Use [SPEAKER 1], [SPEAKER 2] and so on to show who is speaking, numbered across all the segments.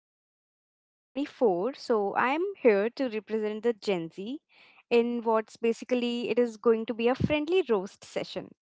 [SPEAKER 1] and I'm 24, so I'm here to represent the Gen Z in what's basically it is going to be a friendly roast session.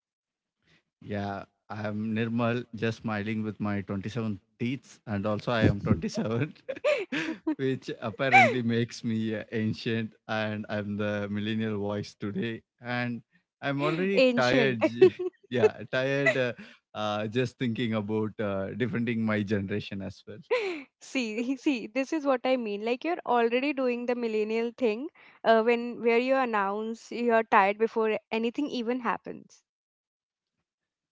[SPEAKER 2] Yeah, I am Nirmal, just smiling with my 27 teeth, and also I am 27, which apparently makes me ancient, and I'm the millennial voice today, and I'm already
[SPEAKER 1] Ancient.
[SPEAKER 2] tired. Yeah, tired just thinking about defending my generation as well.
[SPEAKER 1] See, this is what I mean. Like you're already doing the millennial thing, when where you announce you're tired before anything even happens.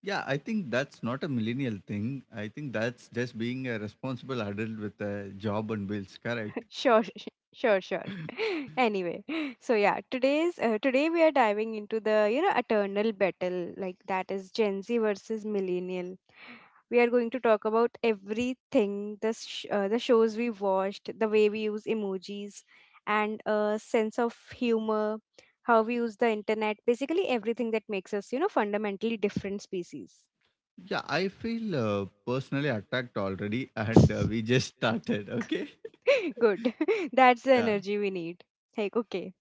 [SPEAKER 2] Yeah, I think that's not a millennial thing. I think that's just being a responsible adult with a job and bills, correct?
[SPEAKER 1] Sure, sh- sure, sure. Anyway, so yeah, today we are diving into the eternal battle like that is Gen Z versus millennial. We are going to talk about everything the shows we watched, the way we use emojis, and a sense of humor, how we use the internet, basically everything that makes us fundamentally different species.
[SPEAKER 2] Yeah, I feel personally attacked already, and we just started. Okay.
[SPEAKER 1] Good, that's the
[SPEAKER 2] Yeah.
[SPEAKER 1] energy we need. Like okay.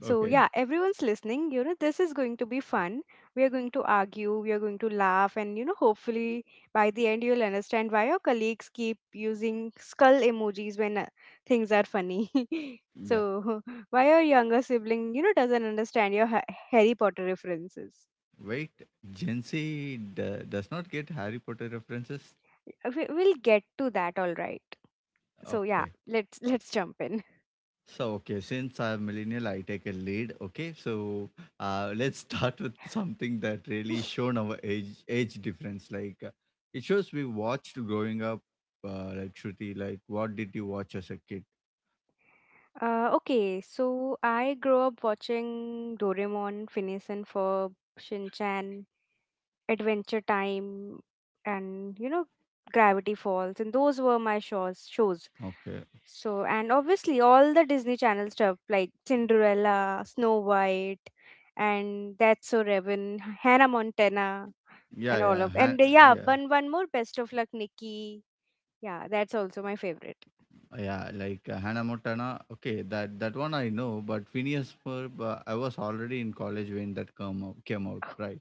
[SPEAKER 1] So,
[SPEAKER 2] Okay.
[SPEAKER 1] yeah, everyone's listening. You know, this is going to be fun. We are going to argue, we are going to laugh, and you know, hopefully by the end, you'll understand why your colleagues keep using skull emojis when things are funny.
[SPEAKER 2] Yeah.
[SPEAKER 1] so, why your younger sibling, you know, doesn't understand your Harry Potter references.
[SPEAKER 2] Wait, Gen Z does not get Harry Potter references.
[SPEAKER 1] We'll get to that, all right. So, yeah,
[SPEAKER 2] Okay.
[SPEAKER 1] let's jump in.
[SPEAKER 2] So okay, since I'm millennial, I take a lead. Okay. So let's start with something that really shown our age difference. Like it shows we watched growing up. Like Shruti, like what did you watch as a kid?
[SPEAKER 1] Okay, so I grew up watching Doraemon, Phineas and Ferb, Shin Chan, Adventure Time and you know Gravity Falls, and those were my shows.
[SPEAKER 2] Okay.
[SPEAKER 1] So and obviously all the Disney Channel stuff like Cinderella, Snow White and That's So Raven, Hannah Montana
[SPEAKER 2] Yeah.
[SPEAKER 1] and all
[SPEAKER 2] Yeah.
[SPEAKER 1] of and yeah,
[SPEAKER 2] Yeah.
[SPEAKER 1] one more Best of Luck Nikki. Yeah, that's also my favorite.
[SPEAKER 2] Yeah, like Hannah Montana. Okay, that one I know, but Phineas Ferb. I was already in college when came out, right?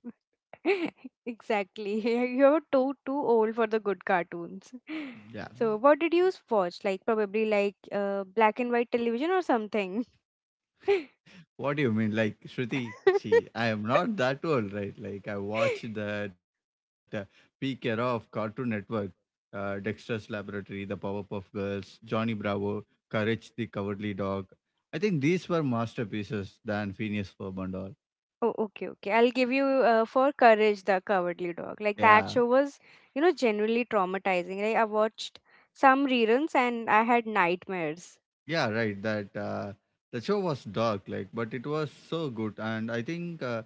[SPEAKER 1] Exactly. You're too old for the good cartoons.
[SPEAKER 2] Yeah.
[SPEAKER 1] So what did you watch? Like probably like black and white television or something.
[SPEAKER 2] What do you mean, like Shruti? See, I am not that old, right? Like I watched that peak era of Cartoon Network, Dexter's Laboratory, The Powerpuff Girls, Johnny Bravo, Courage the Cowardly Dog. I think these were masterpieces than Phineas Ferb and all.
[SPEAKER 1] Oh, okay, okay. I'll give you for Courage the Cowardly Dog. Like that
[SPEAKER 2] Yeah.
[SPEAKER 1] show was, you know, genuinely traumatizing. Like I watched some reruns and I had nightmares.
[SPEAKER 2] Yeah, right. That The show was dark, like, but it was so good. And I think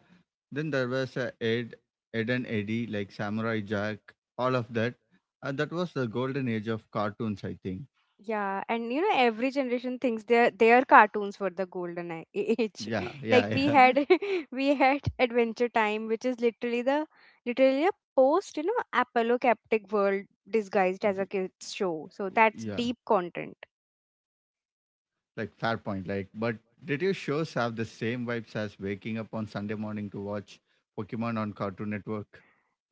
[SPEAKER 2] then there was Ed, Ed and Eddie, like Samurai Jack, all of that. That was the golden age of cartoons, I think.
[SPEAKER 1] Yeah, and you know, every generation thinks their cartoons were the golden age.
[SPEAKER 2] Yeah, yeah,
[SPEAKER 1] Like we
[SPEAKER 2] yeah,
[SPEAKER 1] had we had Adventure Time, which is literally a post, you know, apocalyptic world disguised as a kids show. So that's
[SPEAKER 2] yeah.
[SPEAKER 1] deep content.
[SPEAKER 2] Like fair point. Like, but did your shows have the same vibes as waking up on Sunday morning to watch Pokemon on Cartoon Network?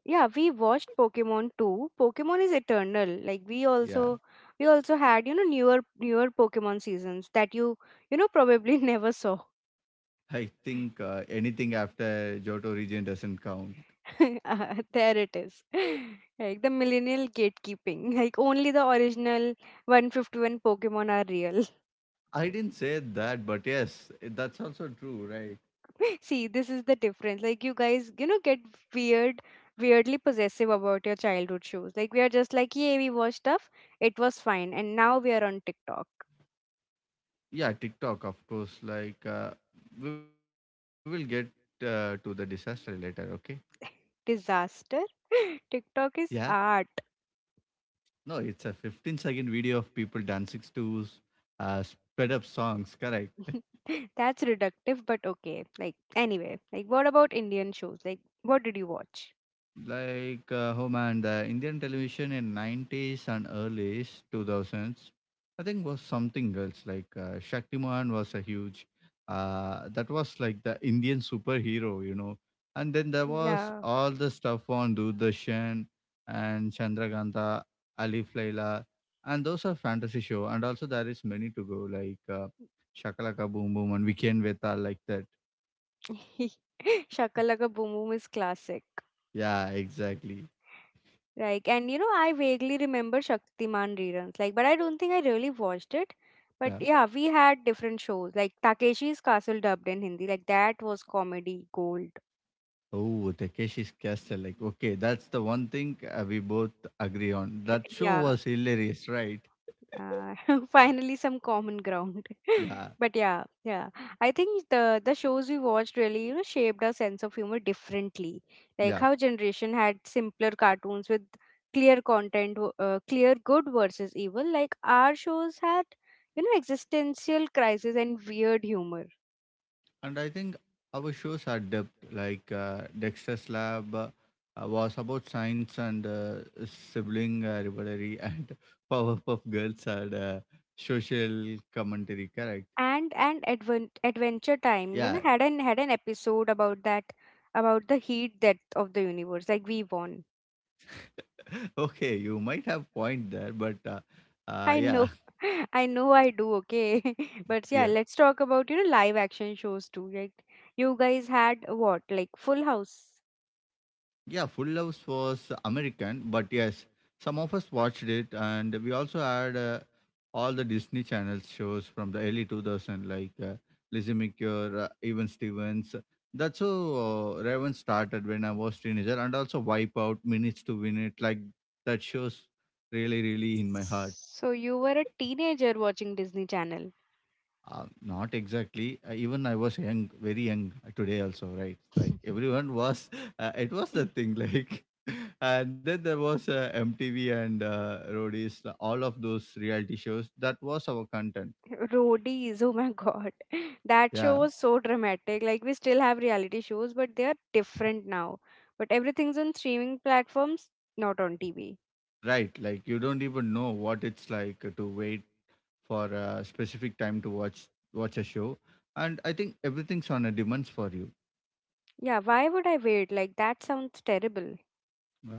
[SPEAKER 1] Yeah, we watched Pokemon too. Pokemon is eternal. Like
[SPEAKER 2] Yeah,
[SPEAKER 1] we also had, you know, newer Pokemon seasons that you know probably never saw.
[SPEAKER 2] I think anything after Johto region doesn't count.
[SPEAKER 1] There it is. Like the millennial gatekeeping. Like only the original 151 Pokemon are real.
[SPEAKER 2] I didn't say that, but yes, that's also true, right?
[SPEAKER 1] See, this is the difference. Like you guys, you know, get weird, weirdly possessive about your childhood shows. Like we are just like, yeah, we watched stuff. It was fine. And now we are on TikTok.
[SPEAKER 2] Yeah, TikTok, of course. Like, we will get to the disaster later, okay?
[SPEAKER 1] Disaster.
[SPEAKER 2] Yeah.
[SPEAKER 1] TikTok is art.
[SPEAKER 2] No, it's a 15-second video of people dancing to sped up songs, correct?
[SPEAKER 1] That's reductive, but okay. Like anyway, like what about Indian shows? Like what did you watch?
[SPEAKER 2] Like, oh man, the Indian television in '90s and early 2000s, I think was something else. Like, Shaktiman was a huge, that was like the Indian superhero, you know. And then there was
[SPEAKER 1] Yeah.
[SPEAKER 2] all the stuff on Doordarshan and Chandraganta, Alif Laila, and those are fantasy show. And also there is many to go, like Shakalaka Boom Boom and Weekend Veta, like that.
[SPEAKER 1] Shakalaka Boom Boom is classic.
[SPEAKER 2] Yeah, exactly.
[SPEAKER 1] Like, and you know, I vaguely remember Shaktiman reruns. Like, but I don't think I really watched it. But
[SPEAKER 2] Yeah.
[SPEAKER 1] yeah, we had different shows like Takeshi's Castle dubbed in Hindi. Like that was comedy gold.
[SPEAKER 2] Oh, Takeshi's Castle. Like, okay, that's the one thing we both agree on. That show
[SPEAKER 1] Yeah.
[SPEAKER 2] was hilarious, right?
[SPEAKER 1] uh, finally some common ground.
[SPEAKER 2] yeah,
[SPEAKER 1] But yeah yeah, I think the shows we watched really you know shaped our sense of humor differently, like
[SPEAKER 2] yeah.
[SPEAKER 1] how generation had simpler cartoons with clear good versus evil, like our shows had you know existential crisis and weird humor.
[SPEAKER 2] And I think our shows are depth. Like, Dexter's Lab was about science and sibling rivalry, and Powerpuff Girls had social commentary, correct?
[SPEAKER 1] And adventure time you know
[SPEAKER 2] Yeah.
[SPEAKER 1] had an episode about that, about the heat death of the universe. Like we won.
[SPEAKER 2] okay, you might have point there, but
[SPEAKER 1] I know.
[SPEAKER 2] yeah,
[SPEAKER 1] I know I do, okay. But yeah, let's talk about, you know, live action shows too. Like you guys had what? Like Full House.
[SPEAKER 2] Yeah, Full House was American, but yes, some of us watched it, and we also had all the Disney Channel shows from the early 2000s, like Lizzie McGuire, Even Stevens. That's how Raven started when I was teenager, and also Wipeout, Minutes to Win It. Like that shows really, really in my heart.
[SPEAKER 1] So you were a teenager watching Disney Channel.
[SPEAKER 2] Not exactly. Even I was young, very young today also, right? It's like everyone was, it was the thing. Like, and then there was MTV and Roadies, all of those reality shows. That was our content.
[SPEAKER 1] Roadies. Oh my God. That show
[SPEAKER 2] Yeah,
[SPEAKER 1] was so dramatic. Like we still have reality shows, but they are different now. But everything's on streaming platforms, not on TV.
[SPEAKER 2] right. Like you don't even know what it's like to wait for a specific time to watch a show, and I think everything's on a demands for you.
[SPEAKER 1] Yeah, why would I wait? Like that sounds terrible.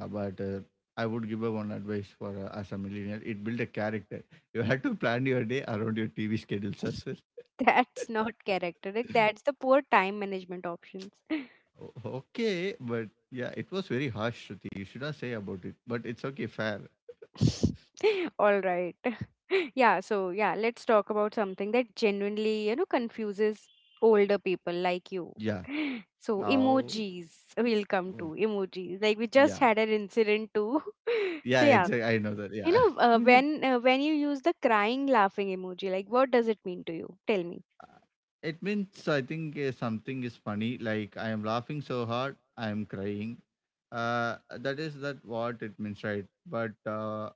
[SPEAKER 2] But I would give a one advice for as a millionaire, it build a character. You had to plan your day around your TV schedules as well.
[SPEAKER 1] That's not character. Like that's the poor time management options.
[SPEAKER 2] Okay, but yeah, it was very harsh, Shruti. You should not say about it, but it's okay, fair.
[SPEAKER 1] All right. Yeah, so yeah, let's talk about something that genuinely, you know, confuses older people like you.
[SPEAKER 2] Yeah.
[SPEAKER 1] So
[SPEAKER 2] Now,
[SPEAKER 1] emojis, we'll come
[SPEAKER 2] well,
[SPEAKER 1] to emojis. Like we just
[SPEAKER 2] yeah,
[SPEAKER 1] had an incident too.
[SPEAKER 2] yeah,
[SPEAKER 1] So yeah,
[SPEAKER 2] exactly. I know that.
[SPEAKER 1] you
[SPEAKER 2] Yeah.
[SPEAKER 1] know, when you use the crying laughing emoji, like what does it mean to you? Tell me.
[SPEAKER 2] it means I think something is funny. Like I am laughing so hard, I am crying. That is that what it means, right? But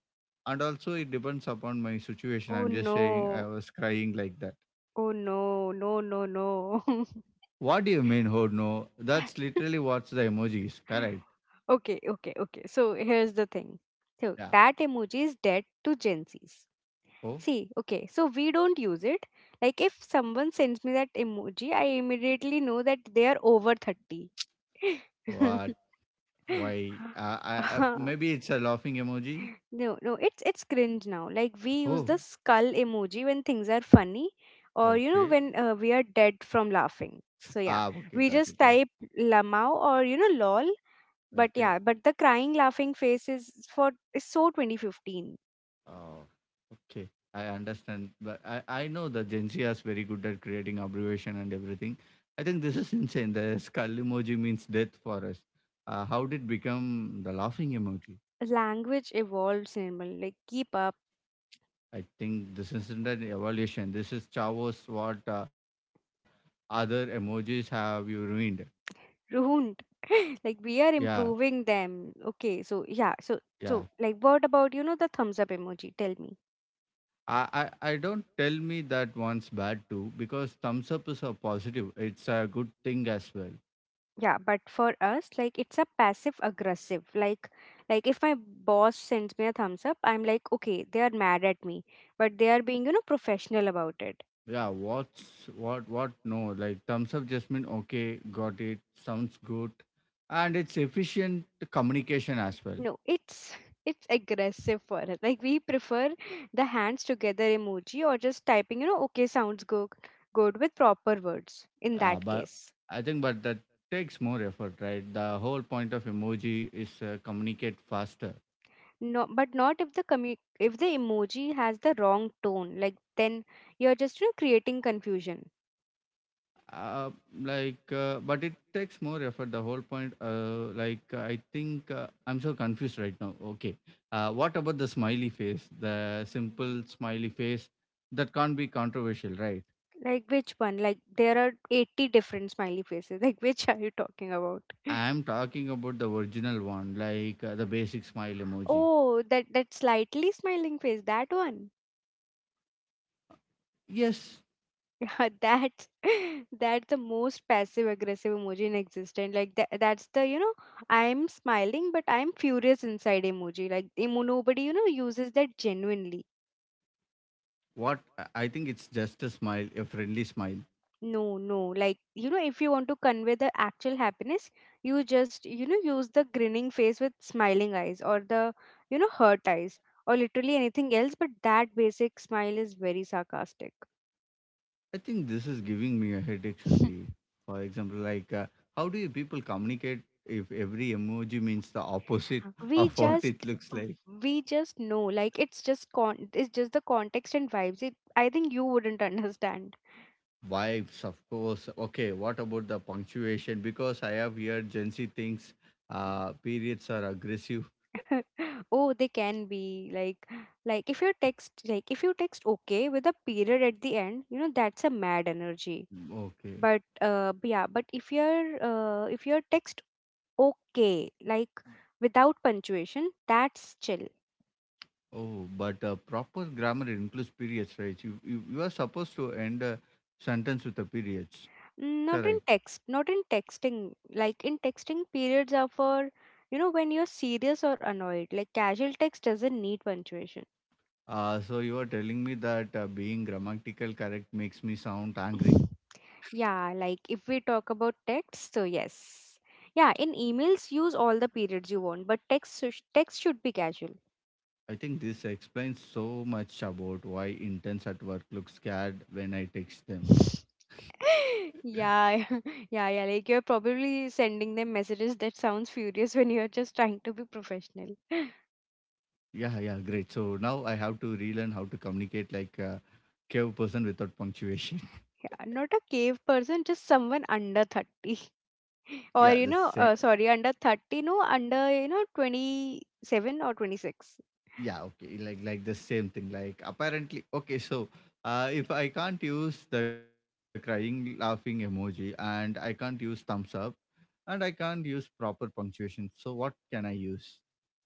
[SPEAKER 2] and also it depends upon my situation.
[SPEAKER 1] Oh
[SPEAKER 2] I'm just saying I
[SPEAKER 1] no.
[SPEAKER 2] was crying like that.
[SPEAKER 1] Oh no. No, no, no.
[SPEAKER 2] What do you mean? Oh no, that's literally what's the emoji is, correct?
[SPEAKER 1] Okay, okay, okay. So here's the thing. So
[SPEAKER 2] Yeah.
[SPEAKER 1] that emoji is dead to Gen Zs.
[SPEAKER 2] Oh.
[SPEAKER 1] See, okay, so we don't use it. Like if someone sends me that emoji, I immediately know that they are over 30.
[SPEAKER 2] What? Why maybe it's a laughing emoji.
[SPEAKER 1] No, no, it's cringe now. Like we use
[SPEAKER 2] Oh,
[SPEAKER 1] the skull emoji when things are funny or you know
[SPEAKER 2] okay.
[SPEAKER 1] when we are dead from laughing. So yeah,
[SPEAKER 2] Ah, okay,
[SPEAKER 1] we
[SPEAKER 2] got it,
[SPEAKER 1] just
[SPEAKER 2] yeah.
[SPEAKER 1] type lamao or you know lol, but
[SPEAKER 2] Okay.
[SPEAKER 1] yeah, but the crying laughing face is so 2015.
[SPEAKER 2] Oh, okay, I understand, but I know the Gen Z is very good at creating abbreviation and everything. I think this is insane. The skull emoji means death for us. How did it become the laughing emoji?
[SPEAKER 1] Language evolves, Nirmal. Like keep up,
[SPEAKER 2] I think this isn't an evaluation. This is Chavo's what other emojis have you ruined.
[SPEAKER 1] ruined. Like we
[SPEAKER 2] Yeah,
[SPEAKER 1] are improving them. Okay, so yeah, so
[SPEAKER 2] yeah.
[SPEAKER 1] so like what about you know the thumbs up emoji? Tell me.
[SPEAKER 2] I don't tell me that one's bad too, because thumbs up is a positive. It's a good thing as well.
[SPEAKER 1] Yeah, but for us, like it's a passive aggressive. Like if my boss sends me a thumbs up, I'm like, okay, they are mad at me, but they are being you know professional about it.
[SPEAKER 2] Yeah, what no, like thumbs up just mean okay, got it, sounds good, and it's efficient communication as well.
[SPEAKER 1] No, it's aggressive for us. Like we prefer the hands together emoji or just typing you know okay sounds good, good with proper words in that
[SPEAKER 2] But
[SPEAKER 1] case.
[SPEAKER 2] I think but that takes more effort, right? The whole point of emoji is communicate faster.
[SPEAKER 1] No but not if if the emoji has the wrong tone, like then you're just you know creating confusion.
[SPEAKER 2] Uh, like, but it takes more effort. The whole point, like, I think I'm so confused right now. Okay, what about the smiley face? The simple smiley face that can't be controversial, right?
[SPEAKER 1] Like which one? Like there are 80 different smiley faces. Like which are you talking about?
[SPEAKER 2] I'm talking about the original one, like the basic smile emoji.
[SPEAKER 1] Oh, that slightly smiling face, that one.
[SPEAKER 2] Yes,
[SPEAKER 1] That's that's the most passive aggressive emoji in existence. Like that's the you know I'm smiling but I'm furious inside emoji. Like emo Nobody you know uses that genuinely.
[SPEAKER 2] what I think it's just a smile, a friendly smile.
[SPEAKER 1] No no, like you know if you want to convey the actual happiness, you just you know use the grinning face with smiling eyes or the you know hurt eyes or literally anything else, but that basic smile is very sarcastic.
[SPEAKER 2] I think this is giving me a headache, Shruti. For example, like, how do you people communicate if every emoji means the opposite
[SPEAKER 1] we
[SPEAKER 2] of what it
[SPEAKER 1] just
[SPEAKER 2] looks like?
[SPEAKER 1] we just know. Like it's just con it's just the context and vibes. It I think you wouldn't understand.
[SPEAKER 2] Vibes, of course. Okay, what about the punctuation? Because I have heard Gen Z thinks periods are aggressive.
[SPEAKER 1] Oh, they can be. Like like if you text okay with a period at the end, you know that's a mad energy.
[SPEAKER 2] Okay.
[SPEAKER 1] But yeah, but if your text okay like without punctuation, that's chill.
[SPEAKER 2] Oh, but proper grammar includes periods, right? You are supposed to end a sentence with the periods.
[SPEAKER 1] Not in
[SPEAKER 2] Correct.
[SPEAKER 1] text, not in texting. Like in texting, periods are for, you know, when you're serious or annoyed. Like casual text doesn't need punctuation.
[SPEAKER 2] So you are telling me that being grammatical correct makes me sound angry.
[SPEAKER 1] Yeah, like if we talk about text, so yes. Yeah, in emails, use all the periods you want, but text should be casual.
[SPEAKER 2] I think this explains so much about why interns at work look scared when I text them.
[SPEAKER 1] Yeah, yeah, yeah. Like you're probably sending them messages that sounds furious when you're just trying to be professional.
[SPEAKER 2] Yeah, yeah, great. So now I have to relearn how to communicate like a cave person without punctuation.
[SPEAKER 1] Yeah, not a cave person, just someone under 30.
[SPEAKER 2] yeah,
[SPEAKER 1] Or,
[SPEAKER 2] the
[SPEAKER 1] you know,
[SPEAKER 2] same.
[SPEAKER 1] sorry, under 30, no, under, you know, 27 or 26.
[SPEAKER 2] Yeah, okay, like the same thing. Like apparently, okay. So, if I can't use the crying, laughing emoji, and I can't use thumbs up, and I can't use proper punctuation, so what can I use?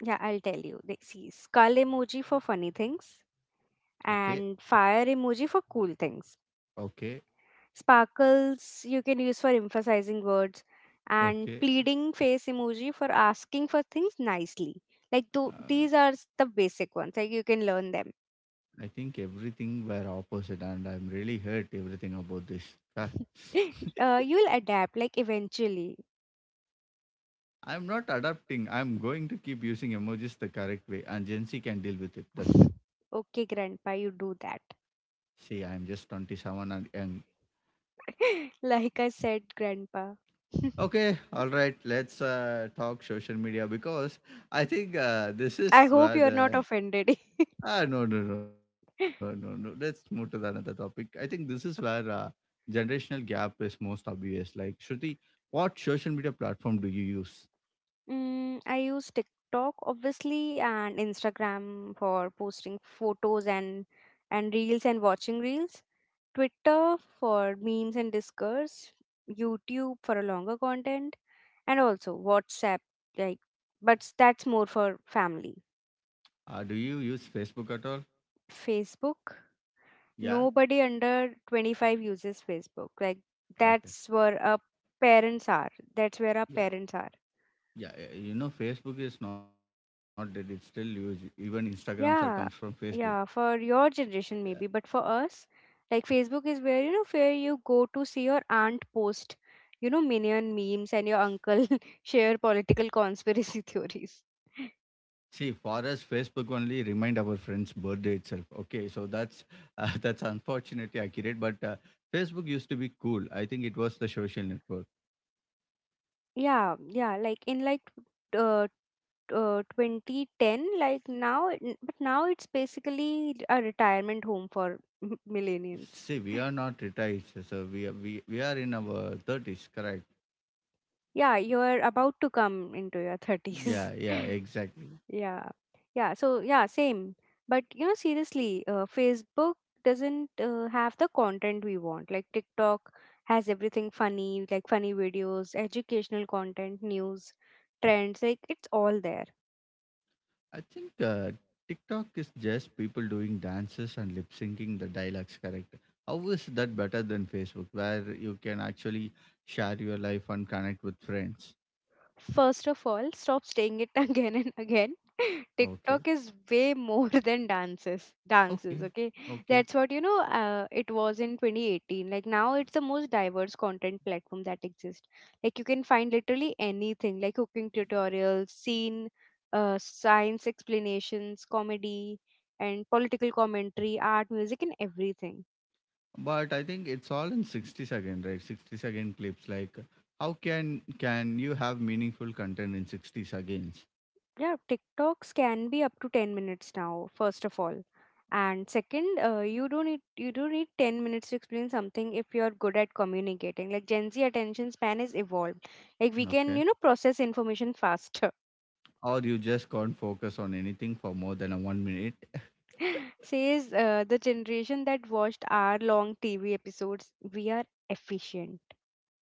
[SPEAKER 1] Yeah, I'll tell you. They see skull emoji for funny things
[SPEAKER 2] Okay,
[SPEAKER 1] and fire emoji for cool things.
[SPEAKER 2] okay,
[SPEAKER 1] Sparkles you can use for emphasizing words, and
[SPEAKER 2] okay.
[SPEAKER 1] pleading face emoji for asking for things nicely. Like,
[SPEAKER 2] Uh,
[SPEAKER 1] the basic ones. Like, you can learn them.
[SPEAKER 2] I think everything were opposite, and I'm really hurt everything about this. Ah,
[SPEAKER 1] You'll adapt, like, eventually.
[SPEAKER 2] I'm not adapting. I'm going to keep using emojis the correct way, and Gen Z can deal with it. That's it.
[SPEAKER 1] Okay, grandpa, you do that.
[SPEAKER 2] See, I'm just 27 and young.
[SPEAKER 1] Like I said, grandpa.
[SPEAKER 2] Okay, all right. Let's talk social media, because I think this
[SPEAKER 1] I
[SPEAKER 2] is
[SPEAKER 1] hope
[SPEAKER 2] where
[SPEAKER 1] you're not
[SPEAKER 2] the
[SPEAKER 1] offended.
[SPEAKER 2] no, no, no, no, no.
[SPEAKER 1] Okay.
[SPEAKER 2] Let's move to the another topic. I think this is where generational gap is most obvious. Like Shruti, what social media platform do you use?
[SPEAKER 1] Mm, I use TikTok obviously and Instagram for posting photos and reels and watching reels. Twitter for memes and discourse. YouTube for a longer content, and also WhatsApp like, but that's more for family.
[SPEAKER 2] Do you use Facebook at all?
[SPEAKER 1] Facebook.
[SPEAKER 2] Yeah,
[SPEAKER 1] Nobody under 25 uses Facebook. Like
[SPEAKER 2] okay,
[SPEAKER 1] that's where our parents are. That's where our
[SPEAKER 2] yeah,
[SPEAKER 1] parents are.
[SPEAKER 2] yeah, yeah. You know, Facebook is not dead; it's still used. Even Instagrams are comes from Facebook.
[SPEAKER 1] Yeah. Yeah, for your
[SPEAKER 2] Yeah.
[SPEAKER 1] generation maybe, but for us, like Facebook is where you know where you go to see your aunt post, you know, minion memes and your uncle share political conspiracy theories.
[SPEAKER 2] See, for us, Facebook only remind our friends' birthday itself. Okay, so that's that's unfortunately accurate, but Facebook used to be cool. I think it was the social network.
[SPEAKER 1] Yeah, yeah, like in uh, 2010, but now it's basically a retirement home for millennials.
[SPEAKER 2] See, we are not retired, so we are in our thirties, correct?
[SPEAKER 1] Yeah, you're about to come into your 30s.
[SPEAKER 2] Yeah, yeah, exactly.
[SPEAKER 1] yeah. Yeah. So, yeah, same. But, you know, seriously, Facebook doesn't have the content we want. Like, TikTok has everything funny, like funny videos, educational content, news, trends. Like, it's all there.
[SPEAKER 2] I think TikTok is just people doing dances and lip syncing the dialogues, correct? How is that better than Facebook, where you can actually share your life and connect with friends?
[SPEAKER 1] First of all, stop saying it again and again.
[SPEAKER 2] Okay,
[SPEAKER 1] TikTok is way more than dances.
[SPEAKER 2] okay,
[SPEAKER 1] Dances, okay?
[SPEAKER 2] okay.
[SPEAKER 1] That's what, you know, it was in 2018. Like now it's the most diverse content platform that exists. Like you can find literally anything like cooking tutorials, scene, science explanations, comedy, and political commentary, art, music, and everything.
[SPEAKER 2] But I think it's all in 60-second, right? 60-second clips. Like, how can you have meaningful content in 60 seconds?
[SPEAKER 1] Yeah, TikToks can be up to 10 minutes now, first of all. And second, you don't need you do need 10 minutes to explain something if you're good at communicating. Like Gen Z attention span is evolved. Like we can,
[SPEAKER 2] Okay.
[SPEAKER 1] you know, process information faster.
[SPEAKER 2] Or you just can't focus on anything for more than a 1 minute.
[SPEAKER 1] Says the generation that watched hour long TV episodes, we are efficient.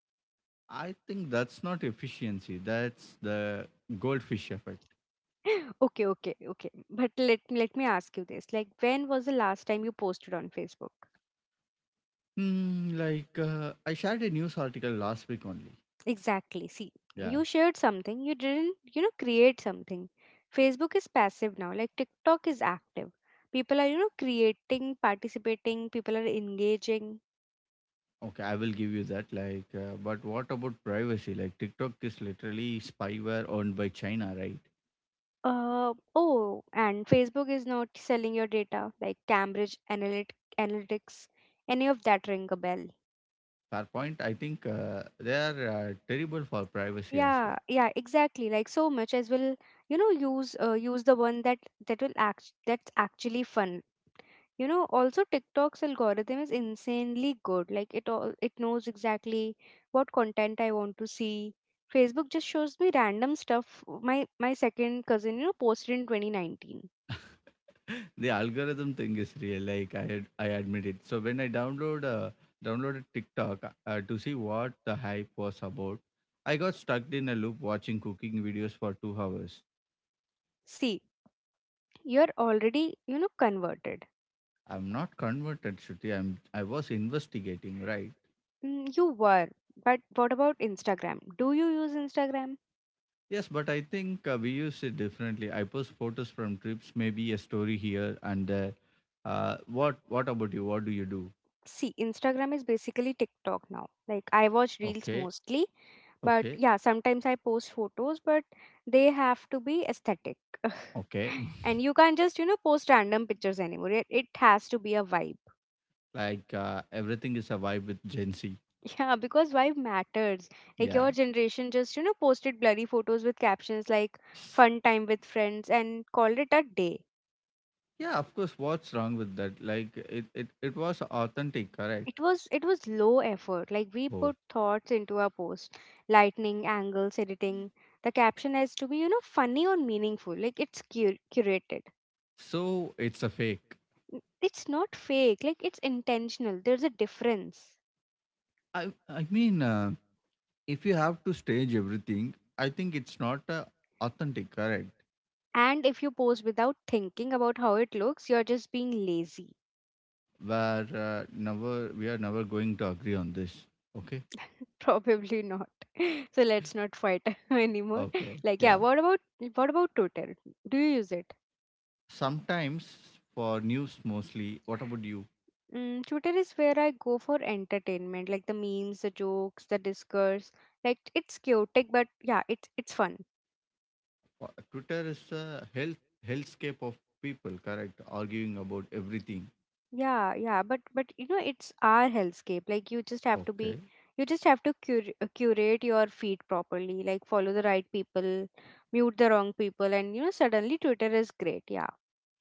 [SPEAKER 2] I think that's not efficiency. That's the goldfish effect.
[SPEAKER 1] Okay, okay, okay. But let me ask you this. Like when was the last time you posted on Facebook?
[SPEAKER 2] Like I shared a news article last week only.
[SPEAKER 1] Exactly. See,
[SPEAKER 2] Yeah.
[SPEAKER 1] you shared something, you didn't, you know, create something. Facebook is passive now, like TikTok is active. People are, you know, creating, participating, people are engaging.
[SPEAKER 2] Okay, I will give you that. Like, but what about privacy? Like, TikTok is literally spyware owned by China, right?
[SPEAKER 1] Oh, and Facebook is not selling your data, like Analytics, any of that ring a bell.
[SPEAKER 2] Fair point. I think they are terrible for privacy as
[SPEAKER 1] Yeah,
[SPEAKER 2] well.
[SPEAKER 1] yeah, exactly. Like so much as will, you know, use use the one that that will act that's actually fun. You know, also TikTok's algorithm is insanely good. Like it knows exactly what content I want to see. Facebook just shows me random stuff my second cousin, you know, posted in 2019.
[SPEAKER 2] the algorithm thing is real. Like, I had, I admit it. So when I downloaded TikTok to see what the hype was about, I got stuck in a loop watching cooking videos for 2 hours.
[SPEAKER 1] See, you're already, you know, converted.
[SPEAKER 2] I'm not converted, Shruti. I was investigating, right?
[SPEAKER 1] Mm. You were. But what about Instagram? Do you use Instagram?
[SPEAKER 2] Yes, but I think we use it differently. I post photos from trips, maybe a story here and there. What about you? What do you do?
[SPEAKER 1] See, Instagram is basically TikTok now. Like I watch reels
[SPEAKER 2] Okay,
[SPEAKER 1] mostly. But
[SPEAKER 2] okay,
[SPEAKER 1] yeah, sometimes I post photos, but they have to be aesthetic.
[SPEAKER 2] okay.
[SPEAKER 1] And you can't just, you know, post random pictures anymore. It has to be a vibe.
[SPEAKER 2] like everything is a vibe with Gen Z.
[SPEAKER 1] Yeah, because vibe matters. Like
[SPEAKER 2] Yeah,
[SPEAKER 1] your generation just, you know, posted blurry photos with captions like fun time with friends and called it a day.
[SPEAKER 2] yeah. Of course, what's wrong with that? Like it was authentic, correct?
[SPEAKER 1] It was low effort. Like we
[SPEAKER 2] Oh,
[SPEAKER 1] put thoughts into our post. Lightning, angles, editing. The caption has to be, you know, funny or meaningful. Like it's curated.
[SPEAKER 2] so it's a fake.
[SPEAKER 1] It's not fake, like it's intentional. There's a difference.
[SPEAKER 2] I mean. If you have to stage everything, I think it's not authentic, correct?
[SPEAKER 1] And if you pose without thinking about how it looks, you're just being lazy.
[SPEAKER 2] Where never we are never going to agree on this. Okay.
[SPEAKER 1] Probably not. So let's not fight anymore.
[SPEAKER 2] Okay.
[SPEAKER 1] Like yeah,
[SPEAKER 2] Yeah.
[SPEAKER 1] what about Twitter? Do you use it?
[SPEAKER 2] Sometimes for news mostly. What about you?
[SPEAKER 1] Mm, Twitter is where I go for entertainment, like the memes, the jokes, the discourse. Like it's chaotic, but yeah, it's fun.
[SPEAKER 2] Uh, Twitter is a healthscape of people, correct? Arguing about everything.
[SPEAKER 1] Yeah, yeah, but you know it's our hellscape. Like
[SPEAKER 2] Okay.
[SPEAKER 1] you just have to curate your feed properly. Like follow the right people, mute the wrong people, and you know suddenly Twitter is great. Yeah.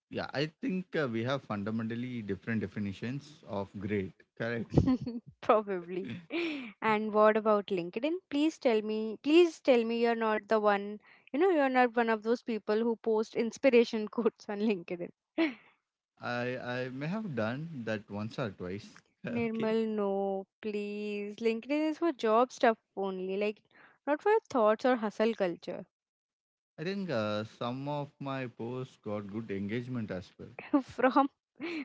[SPEAKER 2] Yeah, I think we have fundamentally different definitions of great. Correct.
[SPEAKER 1] Probably. And what about LinkedIn? Please tell me you're not the one. You know you're not one of those people who post inspiration quotes on LinkedIn.
[SPEAKER 2] I I may have done that once or twice. Okay.
[SPEAKER 1] Nirmal, no, please. LinkedIn is for job stuff only. Like not for your thoughts or hustle culture.
[SPEAKER 2] I think some of my posts got good engagement as well.
[SPEAKER 1] from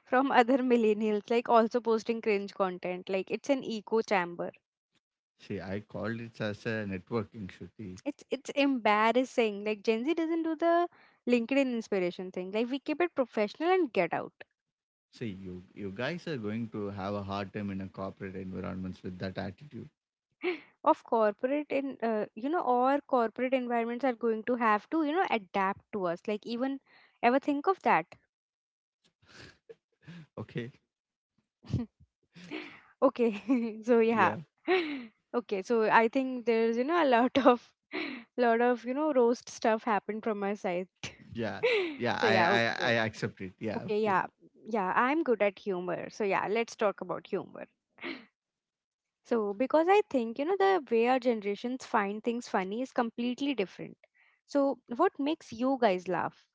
[SPEAKER 1] from other millennials like also posting cringe content like it's an echo chamber.
[SPEAKER 2] See, I called it as a networking, Shruti.
[SPEAKER 1] It's embarrassing like Gen Z doesn't do the LinkedIn inspiration thing like we keep it professional and get out
[SPEAKER 2] See, you guys are going to have a hard time in a corporate environments with that attitude.
[SPEAKER 1] of corporate in you know our corporate environments are going to have to you know adapt to us like even ever think of that.
[SPEAKER 2] Okay,
[SPEAKER 1] Okay. So yeah.
[SPEAKER 2] yeah,
[SPEAKER 1] Okay, so I think there's, you know, a lot of you know, roast stuff happened from my side.
[SPEAKER 2] yeah, yeah.
[SPEAKER 1] So
[SPEAKER 2] I
[SPEAKER 1] yeah,
[SPEAKER 2] I,
[SPEAKER 1] okay.
[SPEAKER 2] I accept it. Yeah,
[SPEAKER 1] Okay,
[SPEAKER 2] okay.
[SPEAKER 1] yeah. Yeah, I'm good at humor. So yeah, let's talk about humor. So because I think, you know, the way our generations find things funny is completely different. So what makes you guys laugh?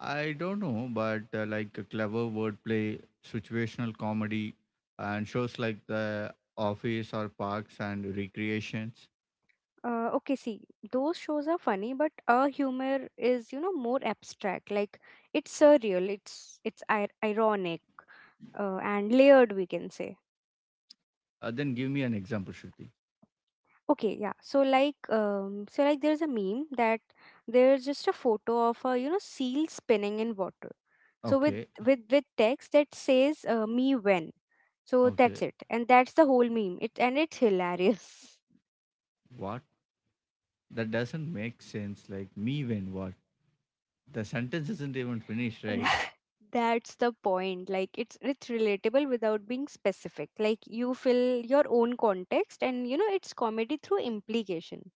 [SPEAKER 2] I don't know, but like a clever wordplay, situational comedy, and shows like The Office or Parks and Recreations.
[SPEAKER 1] Okay, see, those shows are funny, but our humor is, you know, more abstract. Like it's surreal, it's ir ironic, and layered, we can say.
[SPEAKER 2] Then give me an example, Shruti.
[SPEAKER 1] Okay, yeah. So like, there's a meme that there's just a photo of a, you know, seal spinning in water. So with
[SPEAKER 2] Okay,
[SPEAKER 1] text that says, "Me when." So
[SPEAKER 2] okay.
[SPEAKER 1] that's it, and that's the whole meme. It And it's hilarious.
[SPEAKER 2] What That doesn't make sense. Like, me when what? The sentence isn't even finished, right?
[SPEAKER 1] That- That's the point. Like it's relatable without being specific. Like you fill your own context and you know it's comedy through implication.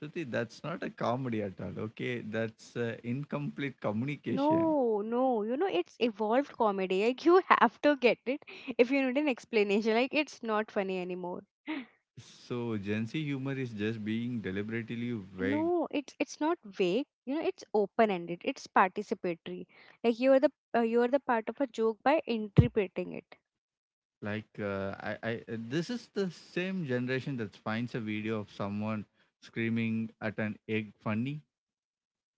[SPEAKER 2] Shruti, that's not a comedy at all, okay? That's incomplete communication.
[SPEAKER 1] No, no, you know it's evolved comedy. Like you have to get it if you need an explanation. Like it's not funny anymore.
[SPEAKER 2] So, Gen Z humor is just being deliberately vague.
[SPEAKER 1] No, it's not vague. You know, it's open-ended. It's participatory. Like you are the part of a joke by interpreting it.
[SPEAKER 2] Like, this is the same generation that finds a video of someone screaming at an egg funny.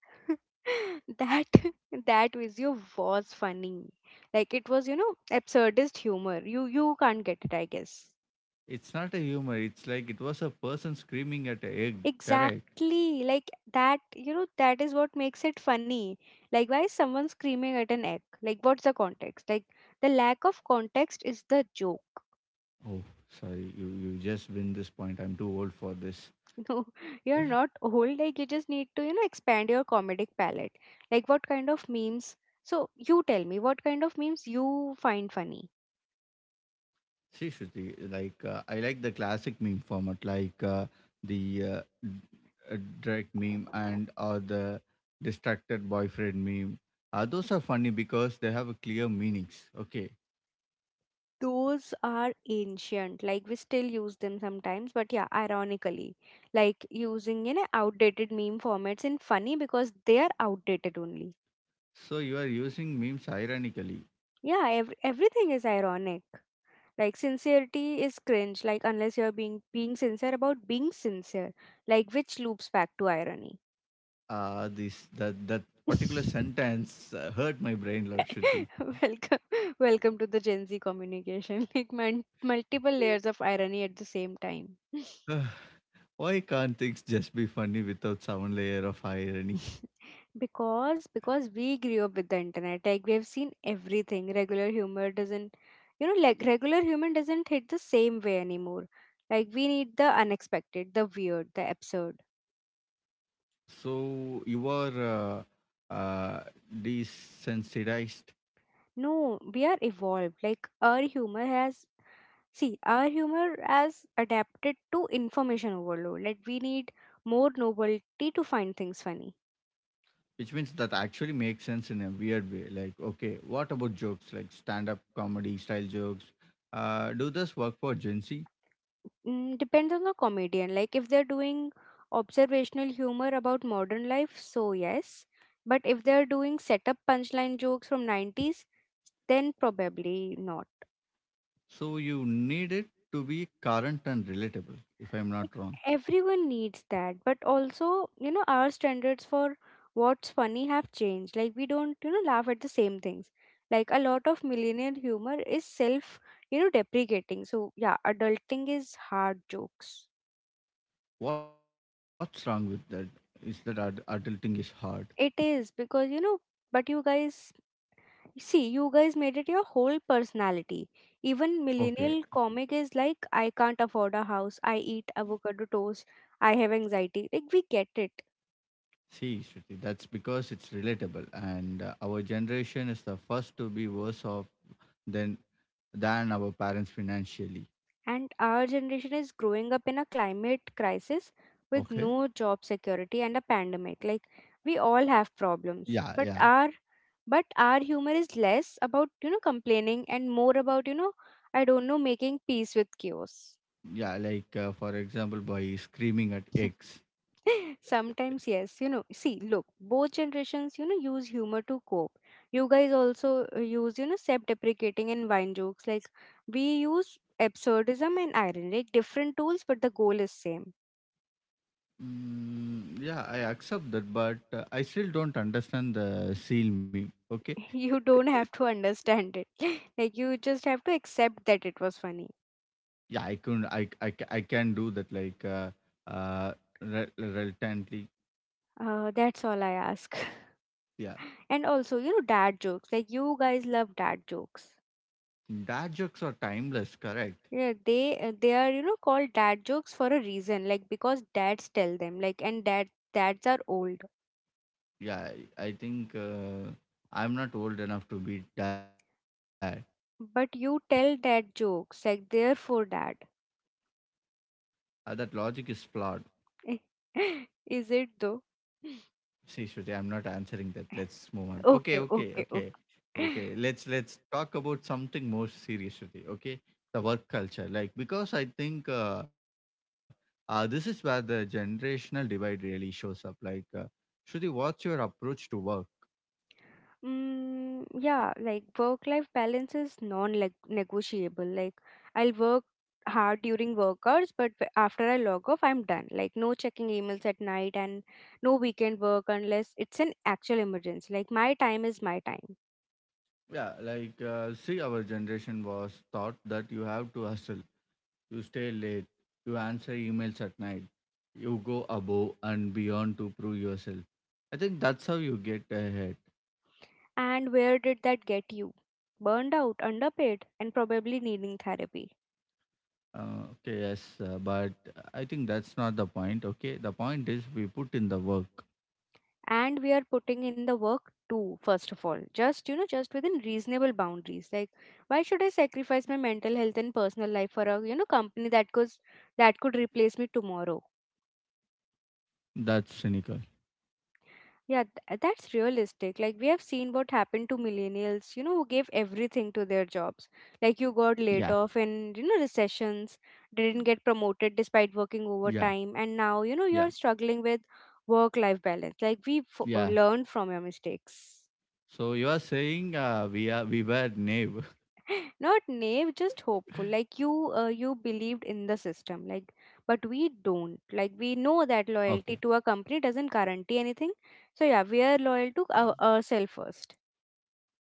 [SPEAKER 1] that that video was funny like it was you know absurdist humor you can't get it I guess.
[SPEAKER 2] It's not a humor, it's like it was a person screaming at an egg, correct?
[SPEAKER 1] Exactly like that you know that is what makes it funny. Like why is someone screaming at an egg, like what's the context, like the lack of context is the joke.
[SPEAKER 2] Oh, sorry, you just win this point. I'm too old for this.
[SPEAKER 1] No you're not old, like you just need to you know expand your comedic palette. Like what kind of memes, so you tell me what kind of memes you find funny.
[SPEAKER 2] See, Shruti, like I like the classic meme format, like the uh, d- direct meme and or the distracted boyfriend meme. Those are funny because they have a clear meanings. Okay,
[SPEAKER 1] Those are ancient, like we still use them sometimes but yeah ironically, like using you know outdated meme formats in funny because they are outdated only.
[SPEAKER 2] so you are using memes ironically.
[SPEAKER 1] Yeah, everything is ironic, like sincerity is cringe, like unless you're being sincere about being sincere, like which loops back to irony.
[SPEAKER 2] This that particular sentence hurt my brain, Lord Shruti.
[SPEAKER 1] Welcome, to the Gen Z communication like multiple layers of irony at the same time.
[SPEAKER 2] Why can't things just be funny without some layer of irony?
[SPEAKER 1] Because we grew up with the internet, like we have seen everything, regular humor doesn't, you know, like regular human doesn't hit the same way anymore. Like we need the unexpected, the weird, the absurd.
[SPEAKER 2] So you are uh, uh, desensitized,
[SPEAKER 1] No, we are evolved, like our humor has, see our humor has adapted to information overload, like we need more novelty to find things funny.
[SPEAKER 2] which means that actually makes sense in a weird way. Like, okay, what about jokes, like stand up comedy style jokes? Do this work for Gen Z?
[SPEAKER 1] Mm, depends on the comedian. Like if they're doing observational humor about modern life, so yes. But if they're doing setup punchline jokes from 90s, then probably not.
[SPEAKER 2] So you need it to be current and relatable, if I'm
[SPEAKER 1] Like
[SPEAKER 2] not wrong.
[SPEAKER 1] everyone needs that, but also, you know, our standards for what's funny have changed. Like we don't, you know, laugh at the same things. Like a lot of millennial humor is self, you know, deprecating. So yeah, adulting is hard jokes.
[SPEAKER 2] What's wrong with that? Is that adulting is hard?
[SPEAKER 1] It is because, you know, but you guys see, you guys made it your whole personality. Even
[SPEAKER 2] Okay.
[SPEAKER 1] millennial comic is like, I can't afford a house, I eat avocado toast, I have anxiety. Like, we get it.
[SPEAKER 2] See, Shruti, that's because it's relatable, and our generation is the first to be worse off Then than our parents financially.
[SPEAKER 1] And our generation is growing up in a climate crisis with
[SPEAKER 2] Okay.
[SPEAKER 1] no job security and a pandemic. Like, we all have problems,
[SPEAKER 2] Yeah, yeah,
[SPEAKER 1] but our humor is less about you know complaining and more about you know I don't know making peace with chaos.
[SPEAKER 2] yeah. Like for example, by screaming at eggs.
[SPEAKER 1] Sometimes, yes, you know, see, look, both generations, you know, use humor to cope. You guys also use, you know, self deprecating and wine jokes. Like, we use absurdism and irony, like different tools, but the goal is same.
[SPEAKER 2] Mm, yeah, I accept that, but I still don't understand the seal meme. Okay,
[SPEAKER 1] You don't have to understand it. Like, you just have to accept that it was funny.
[SPEAKER 2] yeah, I can, I, ca- I can do that. Like, uh, reluctantly.
[SPEAKER 1] That's all I ask.
[SPEAKER 2] Yeah,
[SPEAKER 1] And also, you know, dad jokes. Like, you guys love dad jokes.
[SPEAKER 2] dad jokes are timeless. Correct.
[SPEAKER 1] Yeah, they are you know called dad jokes for a reason, like because dads tell them, like and dads are old,
[SPEAKER 2] Yeah, I think I'm not old enough to be dad.
[SPEAKER 1] but you tell dad jokes, like therefore dad.
[SPEAKER 2] That logic is flawed.
[SPEAKER 1] Is it though?
[SPEAKER 2] See, Shruti, I'm not answering that. Let's move on. Okay,
[SPEAKER 1] Okay,
[SPEAKER 2] okay,
[SPEAKER 1] okay,
[SPEAKER 2] okay, okay.
[SPEAKER 1] okay.
[SPEAKER 2] Let's talk about something more serious, Shruti. Okay, the work culture. Like because I think this is where the generational divide really shows up. Like, Shruti, what's your approach to work?
[SPEAKER 1] Mm, yeah, like work life balance is non-negotiable. Like I'll work hard during work hours, but after I log off, I'm done. Like no checking emails at night and no weekend work unless it's an actual emergency. Like my time is my time.
[SPEAKER 2] Yeah, like see, our generation was taught that you have to hustle, you stay late, you answer emails at night, you go above and beyond to prove yourself. I think that's how you get ahead.
[SPEAKER 1] And where did that get you? Burned out, underpaid, and probably needing therapy.
[SPEAKER 2] Okay, yes, but I think that's not the point. Okay, the point is we put in the work.
[SPEAKER 1] And we are putting in the work too, first of all. Just, you know, just within reasonable boundaries. Like, why should I sacrifice my mental health and personal life for a, you know, that could replace me tomorrow?
[SPEAKER 2] That's cynical.
[SPEAKER 1] Yeah, that's realistic. Like, we have seen what happened to millennials, you know, who gave everything to their jobs. Like, you
[SPEAKER 2] Yeah,
[SPEAKER 1] got laid off in, you know, recessions, didn't get promoted despite working
[SPEAKER 2] yeah,
[SPEAKER 1] overtime, and now, you know,
[SPEAKER 2] yeah,
[SPEAKER 1] you're struggling with work life balance. Like, we
[SPEAKER 2] yeah.
[SPEAKER 1] learned from your mistakes.
[SPEAKER 2] So you are saying we are we were naive.
[SPEAKER 1] Not naive, just hopeful. Like, you believed in the system, like, but we don't. Like, we know that
[SPEAKER 2] Okay,
[SPEAKER 1] loyalty to a company doesn't guarantee anything. So, yeah, we are loyal to ourselves first.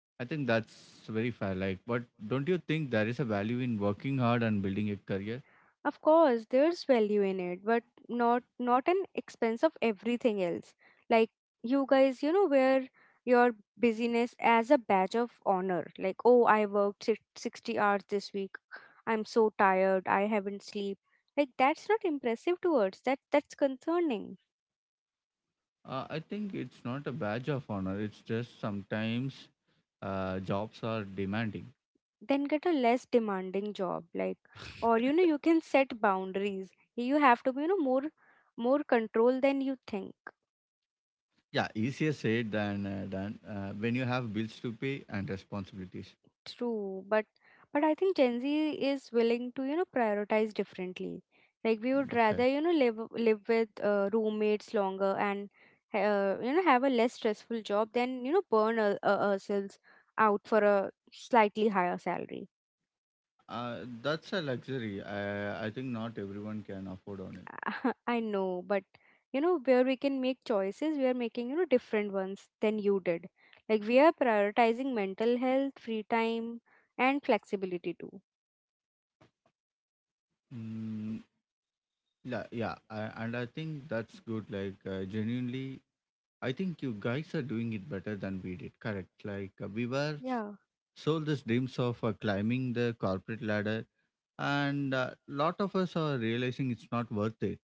[SPEAKER 2] I think that's very fair. Like, but don't you think there is a value in working hard and building a career?
[SPEAKER 1] Of course, there's value in it, but not an expense of everything else. Like you guys, you know, wear your busyness as a badge of honor. Like, oh, I worked 60 hours this week. I'm so tired. I haven't sleep. Like that's not impressive towards that that's concerning.
[SPEAKER 2] I think it's not a badge of honor. It's just sometimes jobs are demanding.
[SPEAKER 1] Then get a less demanding job. Like or you know, you can set boundaries. You have to be, you know, more control than you think.
[SPEAKER 2] Yeah, easier said than done when you have bills to pay and responsibilities.
[SPEAKER 1] True, but I think Gen Z is willing to you know prioritize differently. Like we would
[SPEAKER 2] Okay.
[SPEAKER 1] rather live with roommates longer and have a less stressful job than burn ourselves out for a slightly higher salary.
[SPEAKER 2] Uh, that's a luxury. I think not everyone can afford on it.
[SPEAKER 1] I know, but you know where we can make choices, we are making different ones than you did. Like we are prioritizing mental health, free time, and flexibility too.
[SPEAKER 2] Mm, yeah, yeah. I, and I think that's good. Like, genuinely, I think you guys are doing it better than we did. Correct. Like, we were
[SPEAKER 1] Yeah.
[SPEAKER 2] sold these dreams of climbing the corporate ladder, and a lot of us are realizing it's not worth it.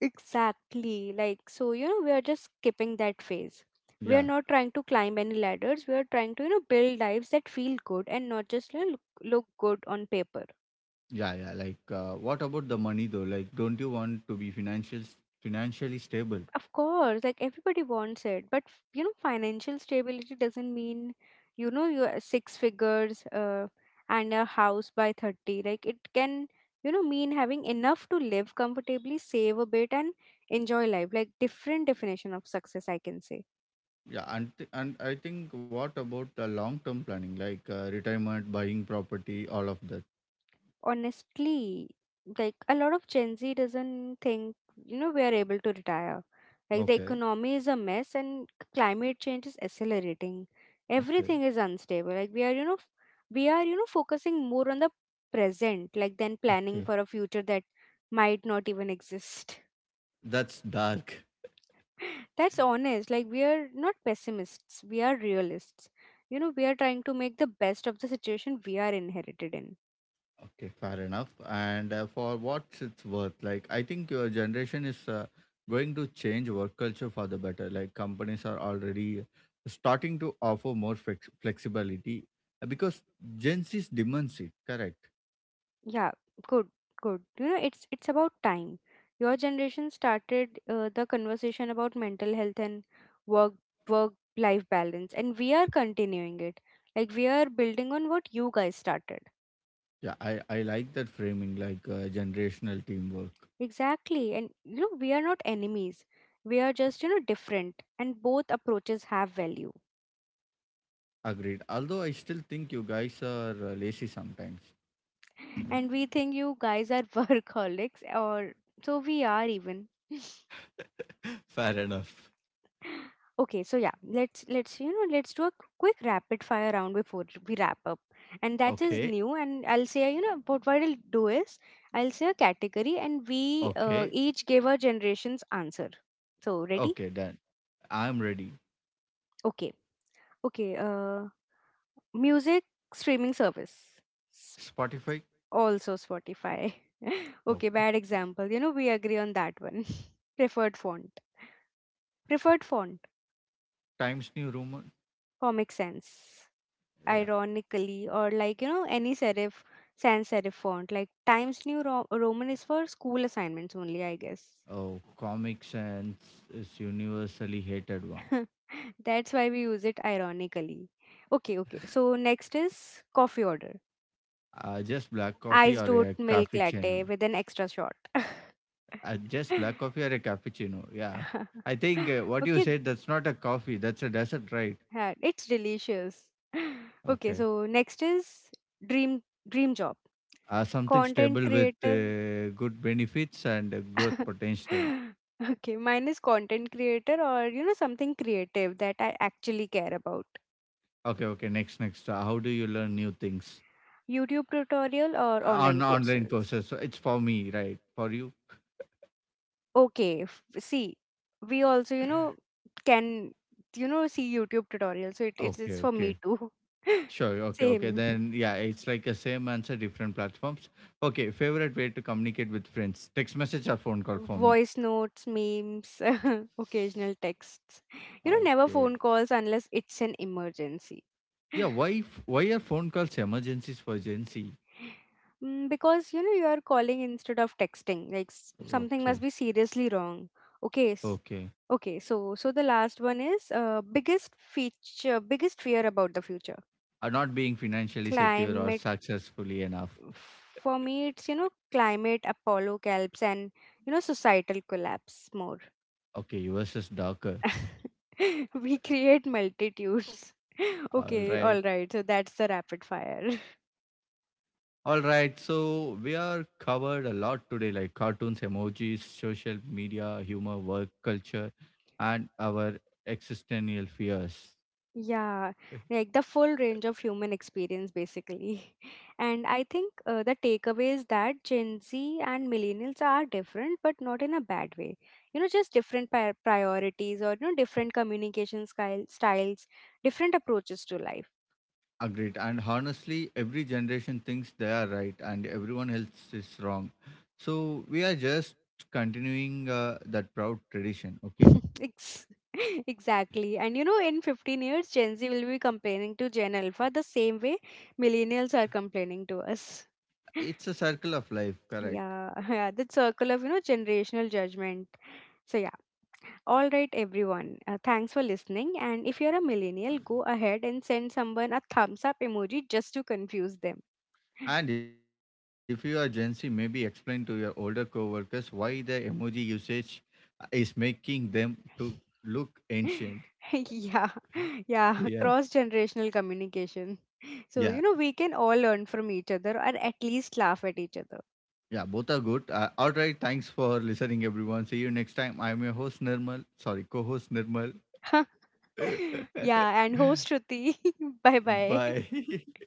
[SPEAKER 1] Exactly. Like, so, you know, we are just skipping that phase. We are
[SPEAKER 2] Yeah,
[SPEAKER 1] not trying to climb any ladders. We are trying to, you know, build lives that feel good and not just, look good on paper.
[SPEAKER 2] yeah, yeah. Like, what about the money though? Like, don't you want to be financially stable?
[SPEAKER 1] Of course, like everybody wants it, but you know, financial stability doesn't mean, you know, you're six figures and a house by 30. Like, it can, you know, mean having enough to live comfortably, save a bit, and enjoy life. Like, different definition of success, I can say.
[SPEAKER 2] Yeah, and I think what about the long term planning, like retirement, buying property, all of that?
[SPEAKER 1] Honestly, like a lot of Gen Z doesn't think, you know, we are able to retire. Like the
[SPEAKER 2] Okay,
[SPEAKER 1] economy is a mess, and climate change is accelerating.
[SPEAKER 2] okay,
[SPEAKER 1] Everything is unstable. Like we are we are focusing more on the present, like, than planning
[SPEAKER 2] okay.
[SPEAKER 1] for a future that might not even exist.
[SPEAKER 2] That's dark.
[SPEAKER 1] That's honest. Like, we are not pessimists, we are realists. You know, we are trying to make the best of the situation we are inherited in.
[SPEAKER 2] Okay, fair enough. And for what it's worth, like I think your generation is going to change work culture for the better. Like companies are already starting to offer more flexibility because Gen Z demands it. Correct.
[SPEAKER 1] Yeah, good, good. You know, it's about time. Your generation started the conversation about mental health and work work life balance, and we are continuing it. Like, we are building on what you guys started.
[SPEAKER 2] Yeah, I like that framing, like generational teamwork.
[SPEAKER 1] Exactly, and you know we are not enemies. We are just, you know, different, and both approaches have value.
[SPEAKER 2] Agreed. Although I still think you guys are lazy sometimes.
[SPEAKER 1] And we think you guys are workaholics, or so we are even.
[SPEAKER 2] Fair enough.
[SPEAKER 1] Okay, so yeah, let's let's do a quick rapid fire round before we wrap up, and that is
[SPEAKER 2] Okay,
[SPEAKER 1] new. And I'll say, you know, what I'll do is I'll say a category, and we
[SPEAKER 2] okay,
[SPEAKER 1] each give our generation's answer. So ready?
[SPEAKER 2] okay, done. I'm ready.
[SPEAKER 1] Okay, okay. Music streaming service, S-
[SPEAKER 2] Spotify,
[SPEAKER 1] also Spotify.
[SPEAKER 2] oh,
[SPEAKER 1] Okay, bad example. You know we agree on that one. Preferred font, preferred font.
[SPEAKER 2] Times New Roman,
[SPEAKER 1] Comic Sans,
[SPEAKER 2] yeah.
[SPEAKER 1] ironically, or, like, you know, any serif sans serif font. Like Times New Roman is for school assignments only, I guess.
[SPEAKER 2] Oh, Comic Sans is universally hated one.
[SPEAKER 1] That's why we use it ironically. Okay, okay, so next is coffee order.
[SPEAKER 2] Just black coffee
[SPEAKER 1] Iced
[SPEAKER 2] or
[SPEAKER 1] oat
[SPEAKER 2] a
[SPEAKER 1] milk
[SPEAKER 2] cappuccino.
[SPEAKER 1] latte with an extra shot.
[SPEAKER 2] Just black coffee or a cappuccino, yeah. I think what you
[SPEAKER 1] Okay.
[SPEAKER 2] said, that's not a coffee, that's a dessert, right?
[SPEAKER 1] Yeah, it's delicious. Okay,
[SPEAKER 2] Okay.
[SPEAKER 1] so next is dream dream job.
[SPEAKER 2] Something
[SPEAKER 1] Content
[SPEAKER 2] stable with
[SPEAKER 1] creator.
[SPEAKER 2] good benefits and growth potential.
[SPEAKER 1] Okay, mine is content creator, or you know, something creative that I actually care about.
[SPEAKER 2] Okay, okay. Next, next. How do you learn new things
[SPEAKER 1] YouTube tutorial or online
[SPEAKER 2] on online
[SPEAKER 1] courses.
[SPEAKER 2] courses? So it's for me, right? For you?
[SPEAKER 1] Okay, see, we also, you know, can, you know, see YouTube tutorial, so it's
[SPEAKER 2] Okay,
[SPEAKER 1] it's for
[SPEAKER 2] okay.
[SPEAKER 1] me too.
[SPEAKER 2] Sure. Okay, okay.
[SPEAKER 1] Same.
[SPEAKER 2] Then yeah, it's like a same answer, different platforms. Okay. Favorite way to communicate with friends? Text message or phone call for me?
[SPEAKER 1] Voice notes, memes, occasional texts. You know, never
[SPEAKER 2] Okay.
[SPEAKER 1] phone calls unless it's an emergency.
[SPEAKER 2] Yeah. Why? Why are phone calls emergencies for Gen Z?
[SPEAKER 1] Mm, because you know you are calling instead of texting. Like, something must
[SPEAKER 2] Okay.
[SPEAKER 1] be seriously wrong. Okay.
[SPEAKER 2] Okay.
[SPEAKER 1] Okay. So so the last one is biggest feature, biggest fear about the future.
[SPEAKER 2] Are not being financially secure or
[SPEAKER 1] Climate.
[SPEAKER 2] successfully enough.
[SPEAKER 1] For me, it's, you know, climate, Apollo calps, and you know societal collapse more.
[SPEAKER 2] Okay, US is darker.
[SPEAKER 1] We create multitudes.
[SPEAKER 2] All
[SPEAKER 1] Okay.
[SPEAKER 2] right.
[SPEAKER 1] All right. So that's the rapid fire.
[SPEAKER 2] All right. So we are covered a lot today, like cartoons, emojis, social media, humor, work, culture, and our existential fears.
[SPEAKER 1] Yeah, like the full range of human experience, basically. And I think the takeaway is that Gen Z and millennials are different, but not in a bad way. You know, just different priorities, or, you know, different communication styles, different approaches to life.
[SPEAKER 2] Agreed. And honestly, every generation thinks they are right and everyone else is wrong. So we are just continuing that proud tradition. Okay.
[SPEAKER 1] Ex exactly. And, you know, in 15 years, Gen Z will be complaining to Gen Alpha the same way millennials are complaining to us.
[SPEAKER 2] It's a circle of life, correct?
[SPEAKER 1] Yeah, yeah, the circle of, you know, generational judgment. So, yeah. All right, everyone. Thanks for listening. And if you're a millennial, go ahead and send someone a thumbs up emoji just to confuse them.
[SPEAKER 2] And if you are Gen Z, maybe explain to your older coworkers why the emoji usage is making them to look ancient.
[SPEAKER 1] Yeah,
[SPEAKER 2] Yeah,
[SPEAKER 1] yeah, cross generational communication. So,
[SPEAKER 2] yeah,
[SPEAKER 1] you know, we can all learn from each other, or at least laugh at each other.
[SPEAKER 2] yeah. Both are good. All right. Thanks for listening, everyone. See you next time. I'm your host Nirmal. Sorry, co-host Nirmal.
[SPEAKER 1] Yeah, and host Shruti. Bye bye.
[SPEAKER 2] Bye.